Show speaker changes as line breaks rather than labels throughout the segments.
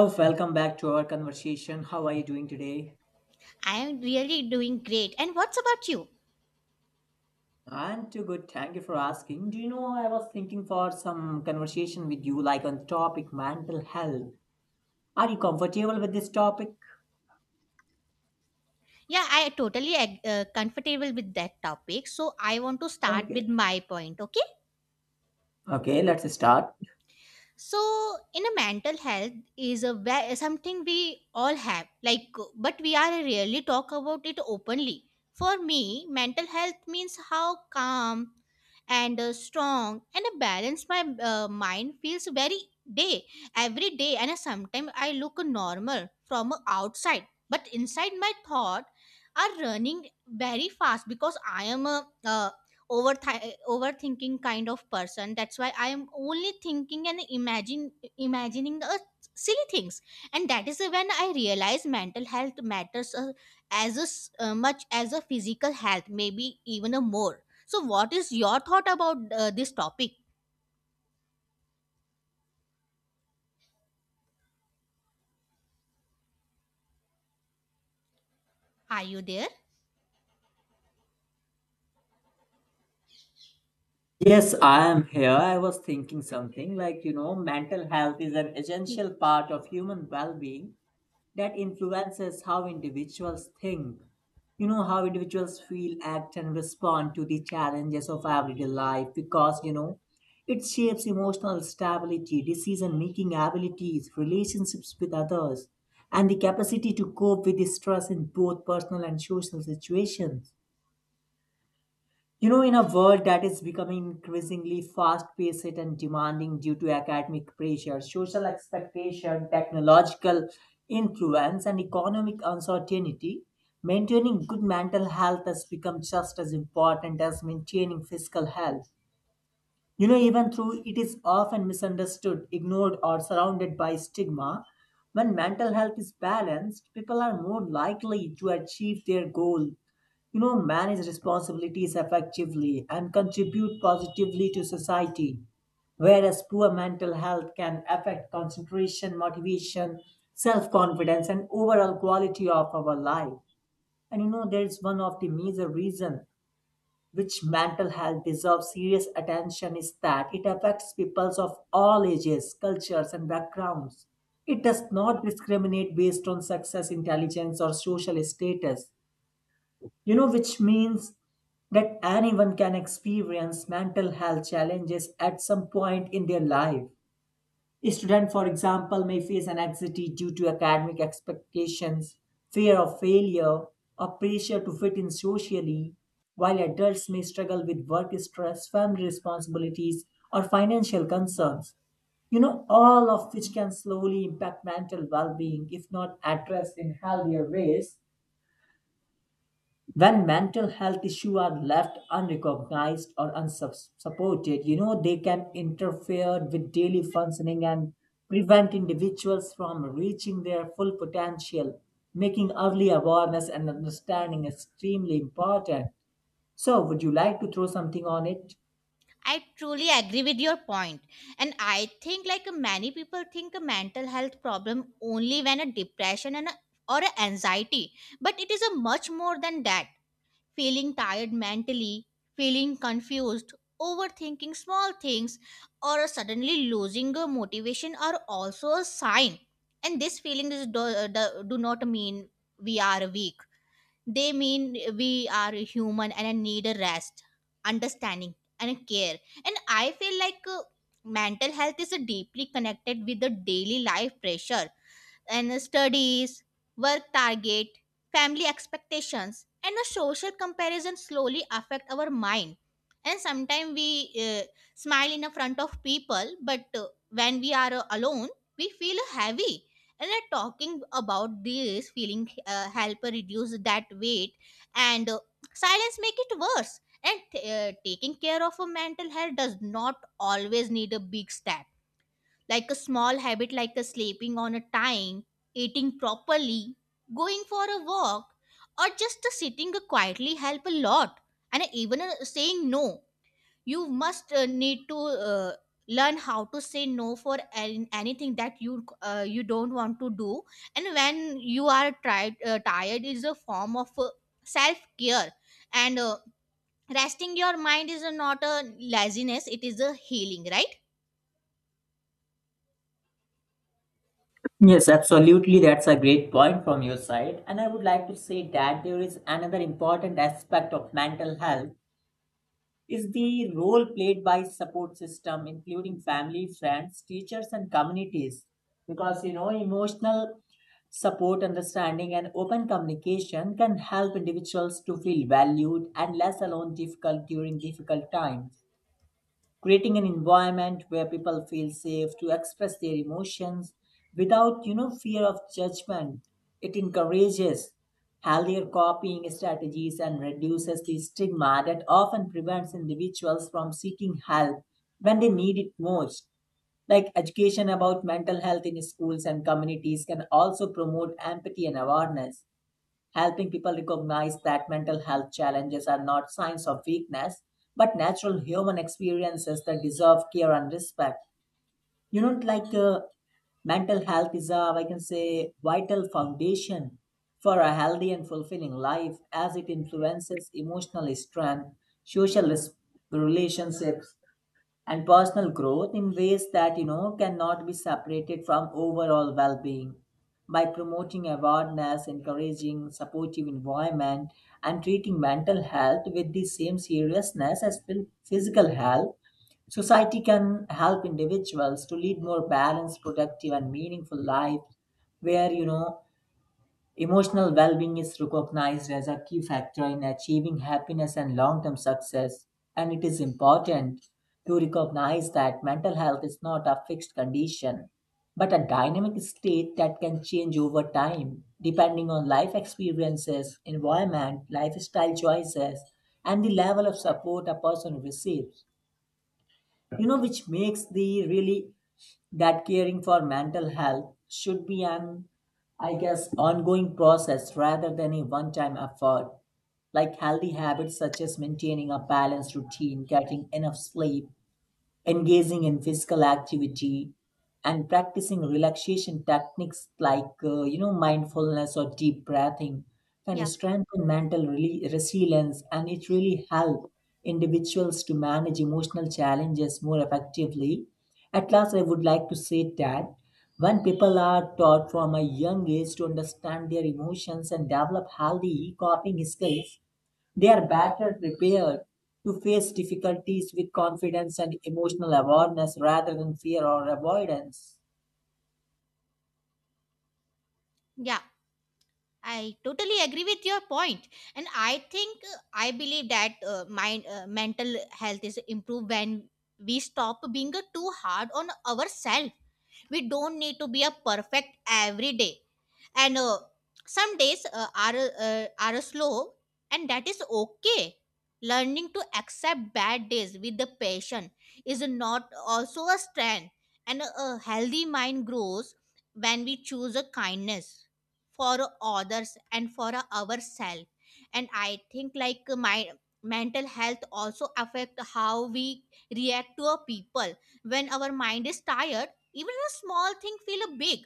Oh, welcome back to our conversation. How are you doing today?
I am really doing great. And what's about you?
I'm too good. Thank you for asking. Do you know I was thinking for some conversation with you, like on topic mental health. Are you comfortable with this topic?
Yeah, I totally comfortable with that topic. So I want to start with
Okay.
my point. Okay.
Okay, let's start.
So in a mental health is a something we all have, like, but we are rarely talk about it openly. For me, mental health means how calm and strong and a balanced my mind feels very day, every day. And sometimes I look normal from outside, but inside my thought are running very fast because I am a uh, overthinking kind of person. That's why I am only thinking and imagine imagining the silly things. And that is when I realize mental health matters as a much as a physical health, maybe even a more. So what is your thought about this topic? Are you there?
Yes, I am here. I was thinking something like, you know, mental health is an essential part of human well being that influences how individuals think. You know, how individuals feel, act, and respond to the challenges of everyday life because, you know, it shapes emotional stability, decision making abilities, relationships with others, and the capacity to cope with the stress in both personal and social situations. You know, in a world that is becoming increasingly fast paced and demanding due to academic pressure, social expectation, technological influence, and economic uncertainty, maintaining good mental health has become just as important as maintaining physical health. You know, even though it is often misunderstood, ignored, or surrounded by stigma, when mental health is balanced, people are more likely to achieve their goal, you know, manage responsibilities effectively, and contribute positively to society. Whereas poor mental health can affect concentration, motivation, self confidence, and overall quality of our life. And you know, there is one of the major reasons which mental health deserves serious attention is that it affects peoples of all ages, cultures, and backgrounds. It does not discriminate based on success, intelligence, or social status, you know, which means that anyone can experience mental health challenges at some point in their life. A student, for example, may face an anxiety due to academic expectations, fear of failure, or pressure to fit in socially, while adults may struggle with work stress, family responsibilities, or financial concerns. You know, all of which can slowly impact mental well being if not addressed in healthier ways when mental health issues are left unrecognized or unsupported, you know, they can interfere with daily functioning and prevent individuals from reaching their full potential, making early awareness and understanding extremely important. So, would you like to throw something on it?
I truly agree with your point. And I think, like, many people think a mental health problem only when a depression and a, or a anxiety, but it is a much more than that. Feeling tired mentally, feeling confused, overthinking small things, or suddenly losing a motivation are also a sign. And these feelings do not mean we are weak. They mean we are human and need a rest, understanding, and care. And I feel like mental health is deeply connected with the daily life pressure and studies, work target, family expectations, and a social comparison slowly affect our mind. And sometimes we smile in the front of people, but when we are alone, we feel heavy. And talking about this feeling help reduce that weight, and silence make it worse. And taking care of a mental health does not always need a big step, like a small habit, like a sleeping on a time, eating properly, going for a walk, or just a sitting quietly help a lot. And even saying no, you must need to learn how to say no for anything that you you don't want to do. And when you are tired, is a form of self care. And resting your mind is not a laziness; it is a healing, right?
Yes, absolutely. That's a great point from your side. And I would like to say that there is another important aspect of mental health is the role played by support system including family friends teachers and communities because you know emotional support understanding and open communication can help individuals to feel valued and less alone difficult during difficult times creating an environment where people feel safe to express their emotions without you know fear of judgment it encourages healthier copying strategies and reduces the stigma that often prevents individuals from seeking help when they need it most like education about mental health in schools and communities can also promote empathy and awareness helping people recognize that mental health challenges are not signs of weakness, but natural human experiences that deserve care and respect. You know, like mental health is a, I can say, vital foundation for a healthy and fulfilling life as it influences emotional strength, social res- relationships, and personal growth in ways that you know cannot be separated from overall well-being by promoting awareness encouraging supportive environment and treating mental health with the same seriousness as physical health society can help individuals to lead more balanced productive and meaningful lives where you know emotional well being is recognized as a key factor in achieving happiness and long term success, and it is important to recognize that mental health is not a fixed condition, but a dynamic state that can change over time depending on life experiences, environment, lifestyle choices, and the level of support a person receives you know which makes the really that caring for mental health should be an I guess ongoing process rather than a one time effort like healthy habits such as maintaining a balanced routine getting enough sleep engaging in physical activity and practicing relaxation techniques like you know mindfulness or deep breathing can
Yeah,
strengthen mental resilience and it really help individuals to manage emotional challenges more effectively at last I would like to say that when people are taught from a young age to understand their emotions and develop healthy coping skills they are better prepared to face difficulties with confidence and emotional awareness rather than fear or avoidance.
yeah. I totally agree with your point, and I think I believe that mind mental health is improved when we stop being too hard on ourselves. We don't need to be a perfect every day, and some days are slow, and that is okay. Learning to accept bad days with the passion is not also a strength. And a healthy mind grows when we choose a kindness for others and for ourselves. And I think, like, my mental health also affect how we react to a people. When our mind is tired, even a small thing feel big,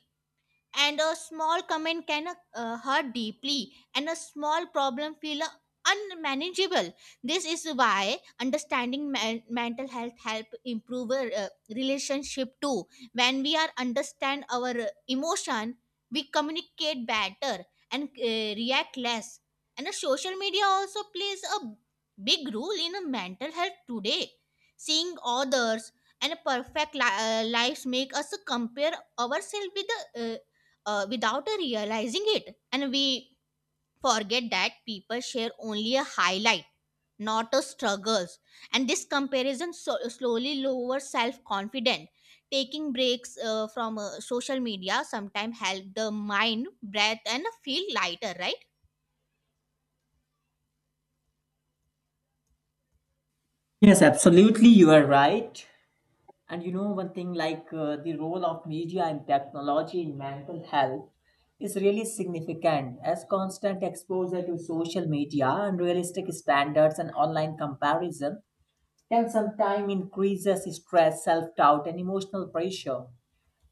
and a small comment can hurt deeply, and a small problem feel unmanageable. This is why understanding mental health help improve our relationship too. When we are understand our emotion, we communicate better and react less. And social media also plays a big role in mental health today. Seeing others and a perfect lives make us compare ourselves with the without realizing it. And we forget that people share only a highlight, not a struggles. And this comparison slowly lowers self confidence. Taking breaks from social media sometimes help the mind, breath, and feel lighter, right?
Yes, absolutely, you are right. And you know, one thing like the role of media and technology in mental health is really significant as constant exposure to social media, unrealistic standards, and online comparison can sometimes increases stress, self doubt, and emotional pressure.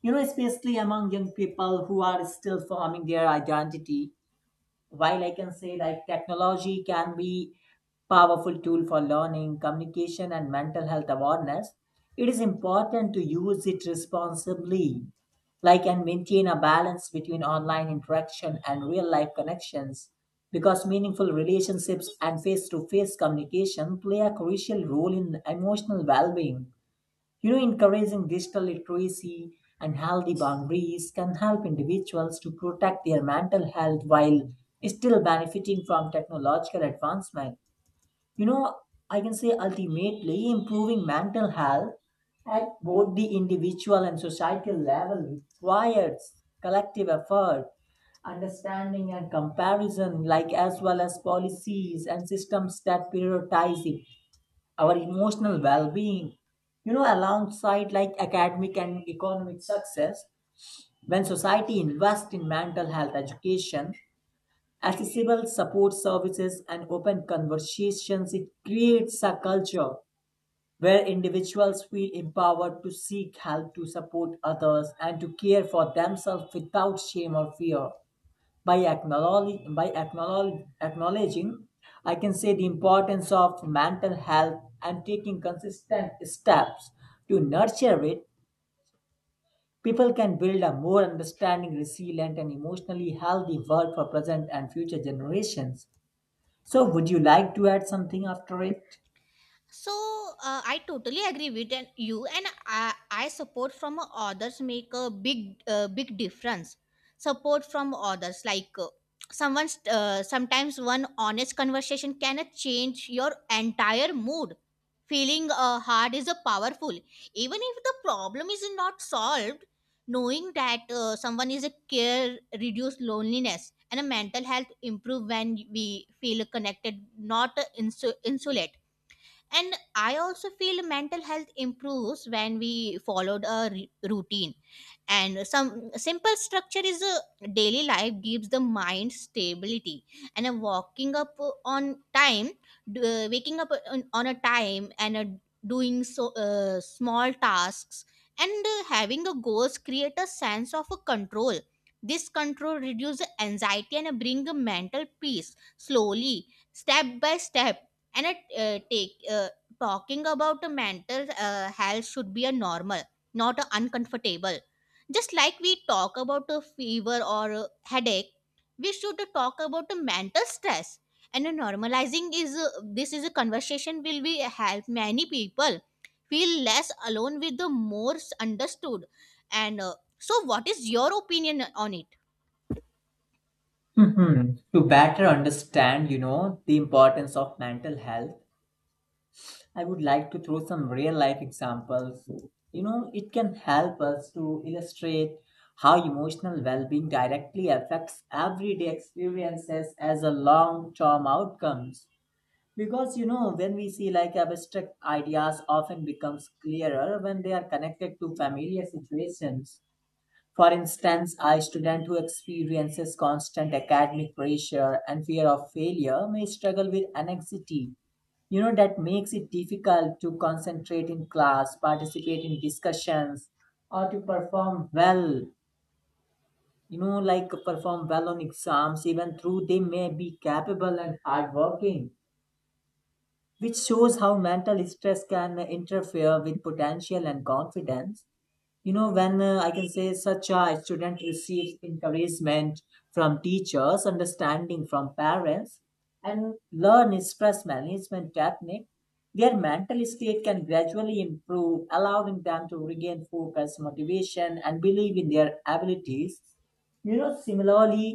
You know, especially among young people who are still forming their identity. While I can say like technology can be powerful tool for learning, communication, and mental health awareness, it is important to use it responsibly, like and maintain a balance between online interaction and real life connections. Because meaningful relationships and face to face communication play a crucial role in emotional well being. You know, encouraging digital literacy and healthy boundaries can help individuals to protect their mental health while still benefiting from technological advancement. You know, I can say ultimately improving mental health at both the individual and societal level requires collective effort, understanding and comparison, like as well as policies and systems that prioritize it our emotional well-being you know alongside like academic and economic success when society invests in mental health education accessible support services and open conversations it creates a culture where individuals feel empowered to seek help to support others and to care for themselves without shame or fear acknowledging I can say the importance of mental health and taking consistent steps to nurture it people can build a more understanding resilient and emotionally healthy world for present and future generations so would you like to add something after it
So I totally agree with you, and I support from others make a big big difference. Support from others, like, someone's sometimes one honest conversation can change your entire mood. Feeling hard is a powerful, even if the problem is not solved. Knowing that someone is a care reduce loneliness, and a mental health improve when we feel connected, not insulate. And I also feel mental health improves when we followed a routine, and some simple structure is a daily life gives the mind stability. And a walking up on time, waking up on a time, and a doing so small tasks, and having a goals create a sense of a control. This control reduces anxiety and bring a mental peace slowly step by step. And it, take Talking about a mental health should be a normal, not a uncomfortable. Just like we talk about a fever or a headache, we should talk about a mental stress. And a normalizing is this is a conversation will be help many people feel less alone with the more understood. And so, what is your opinion on it?
Mhm. To better understand you know the importance of mental health I would like to throw some real life examples. You know, it can help us to illustrate how emotional well being directly affects everyday experiences as a long term outcomes. Because you know, when we see like abstract ideas often becomes clearer when they are connected to familiar situations. For instance, a student who experiences constant academic pressure and fear of failure may struggle with anxiety. You know, that makes it difficult to concentrate in class, participate in discussions, or to perform well. You know, like perform well on exams, even though they may be capable and hardworking, which shows how mental stress can interfere with potential and confidence you know when I can say such a student receives encouragement from teachers understanding from parents and learn stress management technique their mental state can gradually improve allowing them to regain focus motivation and believe in their abilities you know similarly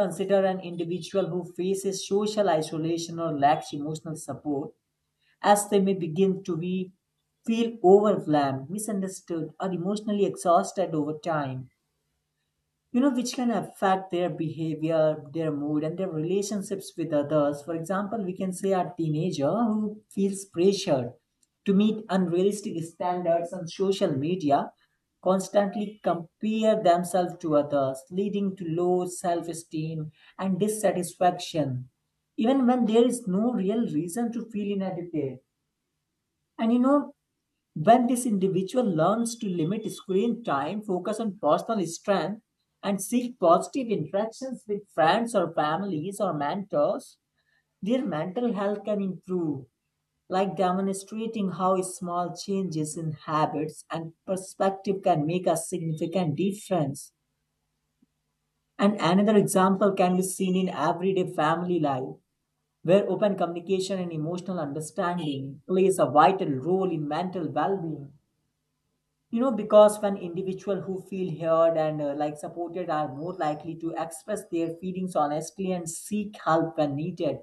consider an individual who faces social isolation or lacks emotional support as they may feel overwhelmed, misunderstood, or emotionally exhausted over time, you know, which can affect their behavior, their mood, and their relationships with others. For example, we can say a teenager who feels pressured to meet unrealistic standards on social media constantly compare themselves to others, leading to low self esteem and dissatisfaction, even when there is no real reason to feel inadequate. And you know, when this individual learns to limit screen time, focus on personal strength, and seek positive interactions with friends or families or mentors, their mental health can improve, like demonstrating how small changes in habits and perspective can make a significant difference. And another example can be seen in everyday family life, where open communication and emotional understanding plays a vital role in mental well being. You know because when individuals who feel heard and like supported are more likely to express their feelings honestly and seek help when needed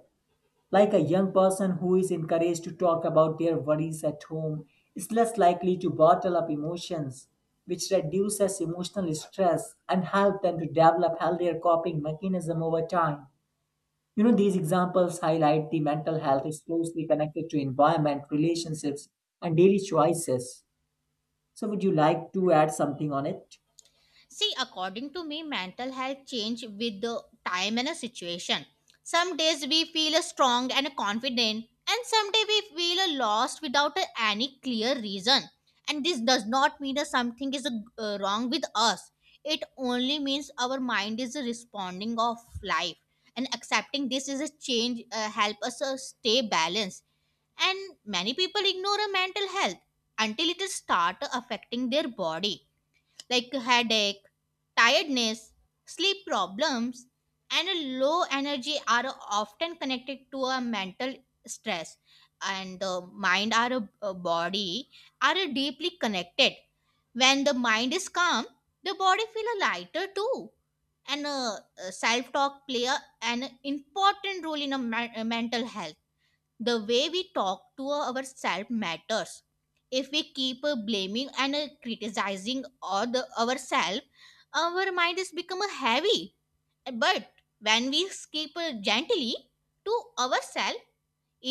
like a young person who is encouraged to talk about their worries at home is less likely to bottle up emotions which reduces emotional stress and help them to develop healthier coping mechanism over time you know these examples highlight the mental health is closely connected to environment relationships and daily choices so, would you like to add something on it?
See, according to me, mental health change with the time and a situation. Some days we feel strong and confident, and some day we feel lost without any clear reason. And this does not mean that something is wrong with us. It only means our mind is responding of life, and accepting this is a change help us stay balanced. And many people ignore a mental health until it start affecting their body, like headache, tiredness, sleep problems, and a low energy are often connected to a mental stress. And the mind or a body are deeply connected. When the mind is calm, the body feel lighter too. And self talk play an important role in a mental health. The way we talk to ourselves matters. If we keep blaming and criticizing all the ourselves, our mind is become heavy. But when we speak gently to ourselves,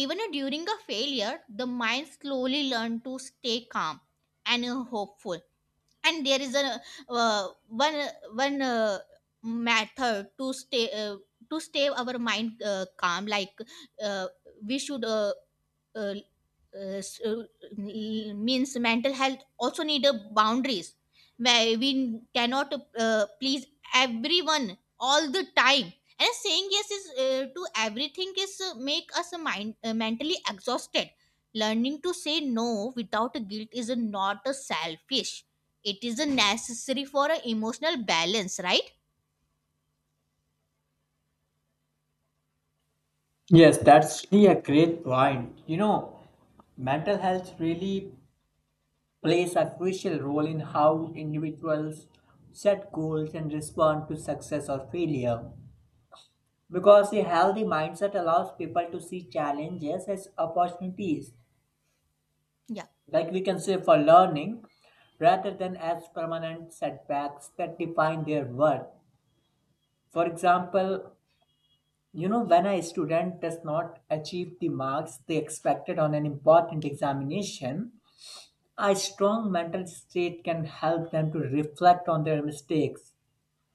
even during a failure, the mind slowly learn to stay calm and hopeful. And there is a uh, one one method to stay our mind calm, like, uh, we should uh, uh, uh, s- uh, means mental health also need a boundaries, where we cannot please everyone all the time. And saying yes is to everything is make us a mind mentally exhausted. Learning to say no without a guilt is a, not a selfish. It is a necessary for a emotional balance, right?
Yes, that's really a great point. You know, mental health really plays a crucial role in how individuals set goals and respond to success or failure. Because a healthy mindset allows people to see challenges as opportunities,
Yeah.
like we can say for learning, rather than as permanent setbacks that define their worth. For example, you know, when a student does not achieve the marks they expected on an important examination, a strong mental state can help them to reflect on their mistakes,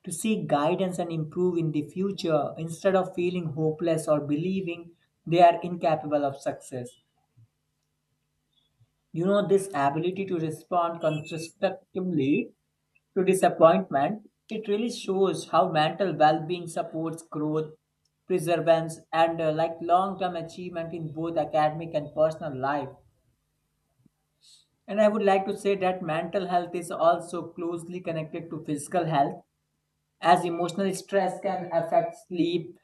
to seek guidance and improve in the future instead of feeling hopeless or believing they are incapable of success. You know, this ability to respond constructively to disappointment, it really shows how mental well being supports growth, perseverance, and like long term achievement in both academic and personal life. And I would like to say that mental health is also closely connected to physical health, as emotional stress can affect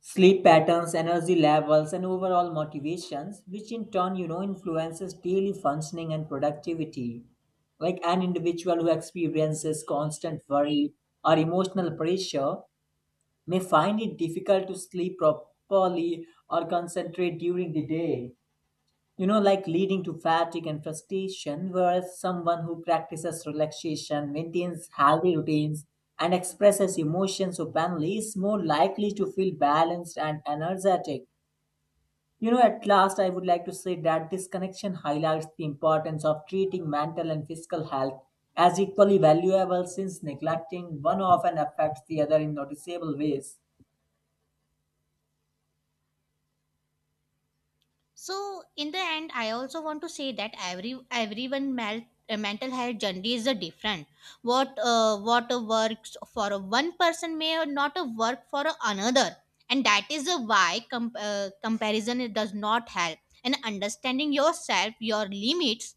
sleep patterns energy levels and overall motivations which in turn you know influences daily functioning and productivity like an individual who experiences constant worry or emotional pressure may find it difficult to sleep properly or concentrate during the day you know, like leading to fatigue and frustration, whereas someone who practices relaxation, maintains healthy routines, and expresses emotions openly is more likely to feel balanced and energetic. You know, at last, I would like to say that this connection highlights the importance of treating mental and physical health as equally valuable since neglecting one often affects the other in noticeable ways.
So in the end, I also want to say that everyone mental health journey is a different. What works for a one person may or not work for a another, and that is why comparison it does not help. And understanding yourself, your limits,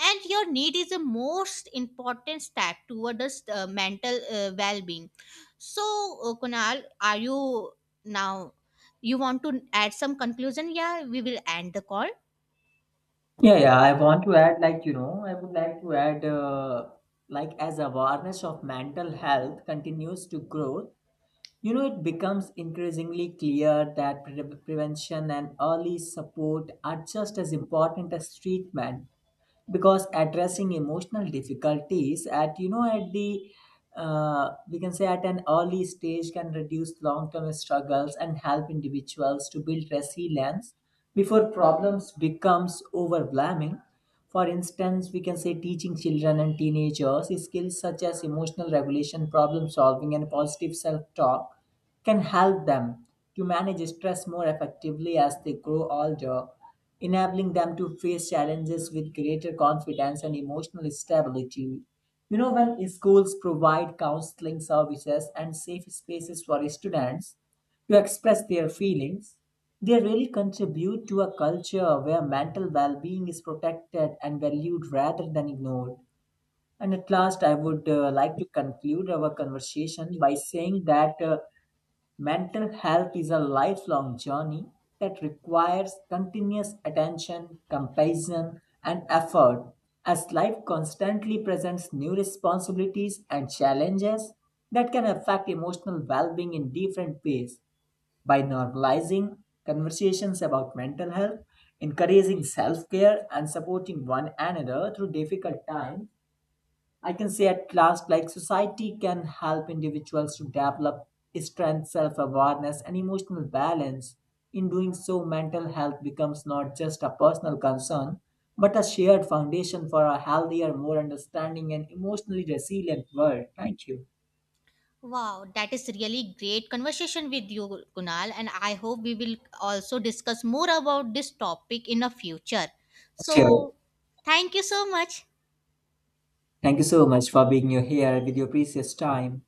and your need is the most important step toward this mental well-being. So Kunal, are you now, you want to add some conclusion? Yeah, we will end the call.
Yeah. I want to add, like, you know, I would like to add, like, as awareness of mental health continues to grow, you know, it becomes increasingly clear that prevention and early support are just as important as treatment because addressing emotional difficulties at you know at the we can say at an early stage can reduce long-term struggles and help individuals to build resilience before problems becomes overwhelming for instance we can say teaching children and teenagers skills such as emotional regulation problem solving and positive self talk can help them to manage stress more effectively as they grow older enabling them to face challenges with greater confidence and emotional stability you know when schools provide counseling services and safe spaces for students to express their feelings. They really contribute to a culture where mental well being is protected and valued rather than ignored. And at last, I would like to conclude our conversation by saying that mental health is a lifelong journey that requires continuous attention, compassion, and effort. As life constantly presents new responsibilities and challenges that can affect emotional well being in different ways by normalizing conversations about mental health, encouraging self care, and supporting one another through difficult times, I can say at last, like society can help individuals to develop strength, self awareness, and emotional balance. In doing so, mental health becomes not just a personal concern, but a shared foundation for a healthier, more understanding, and emotionally resilient world. Thank you.
Wow, that is really great conversation with you, Kunal, and I hope we will also discuss more about this topic in the future. So
Sure.
thank you so much.
Thank you so much for being here with your precious time.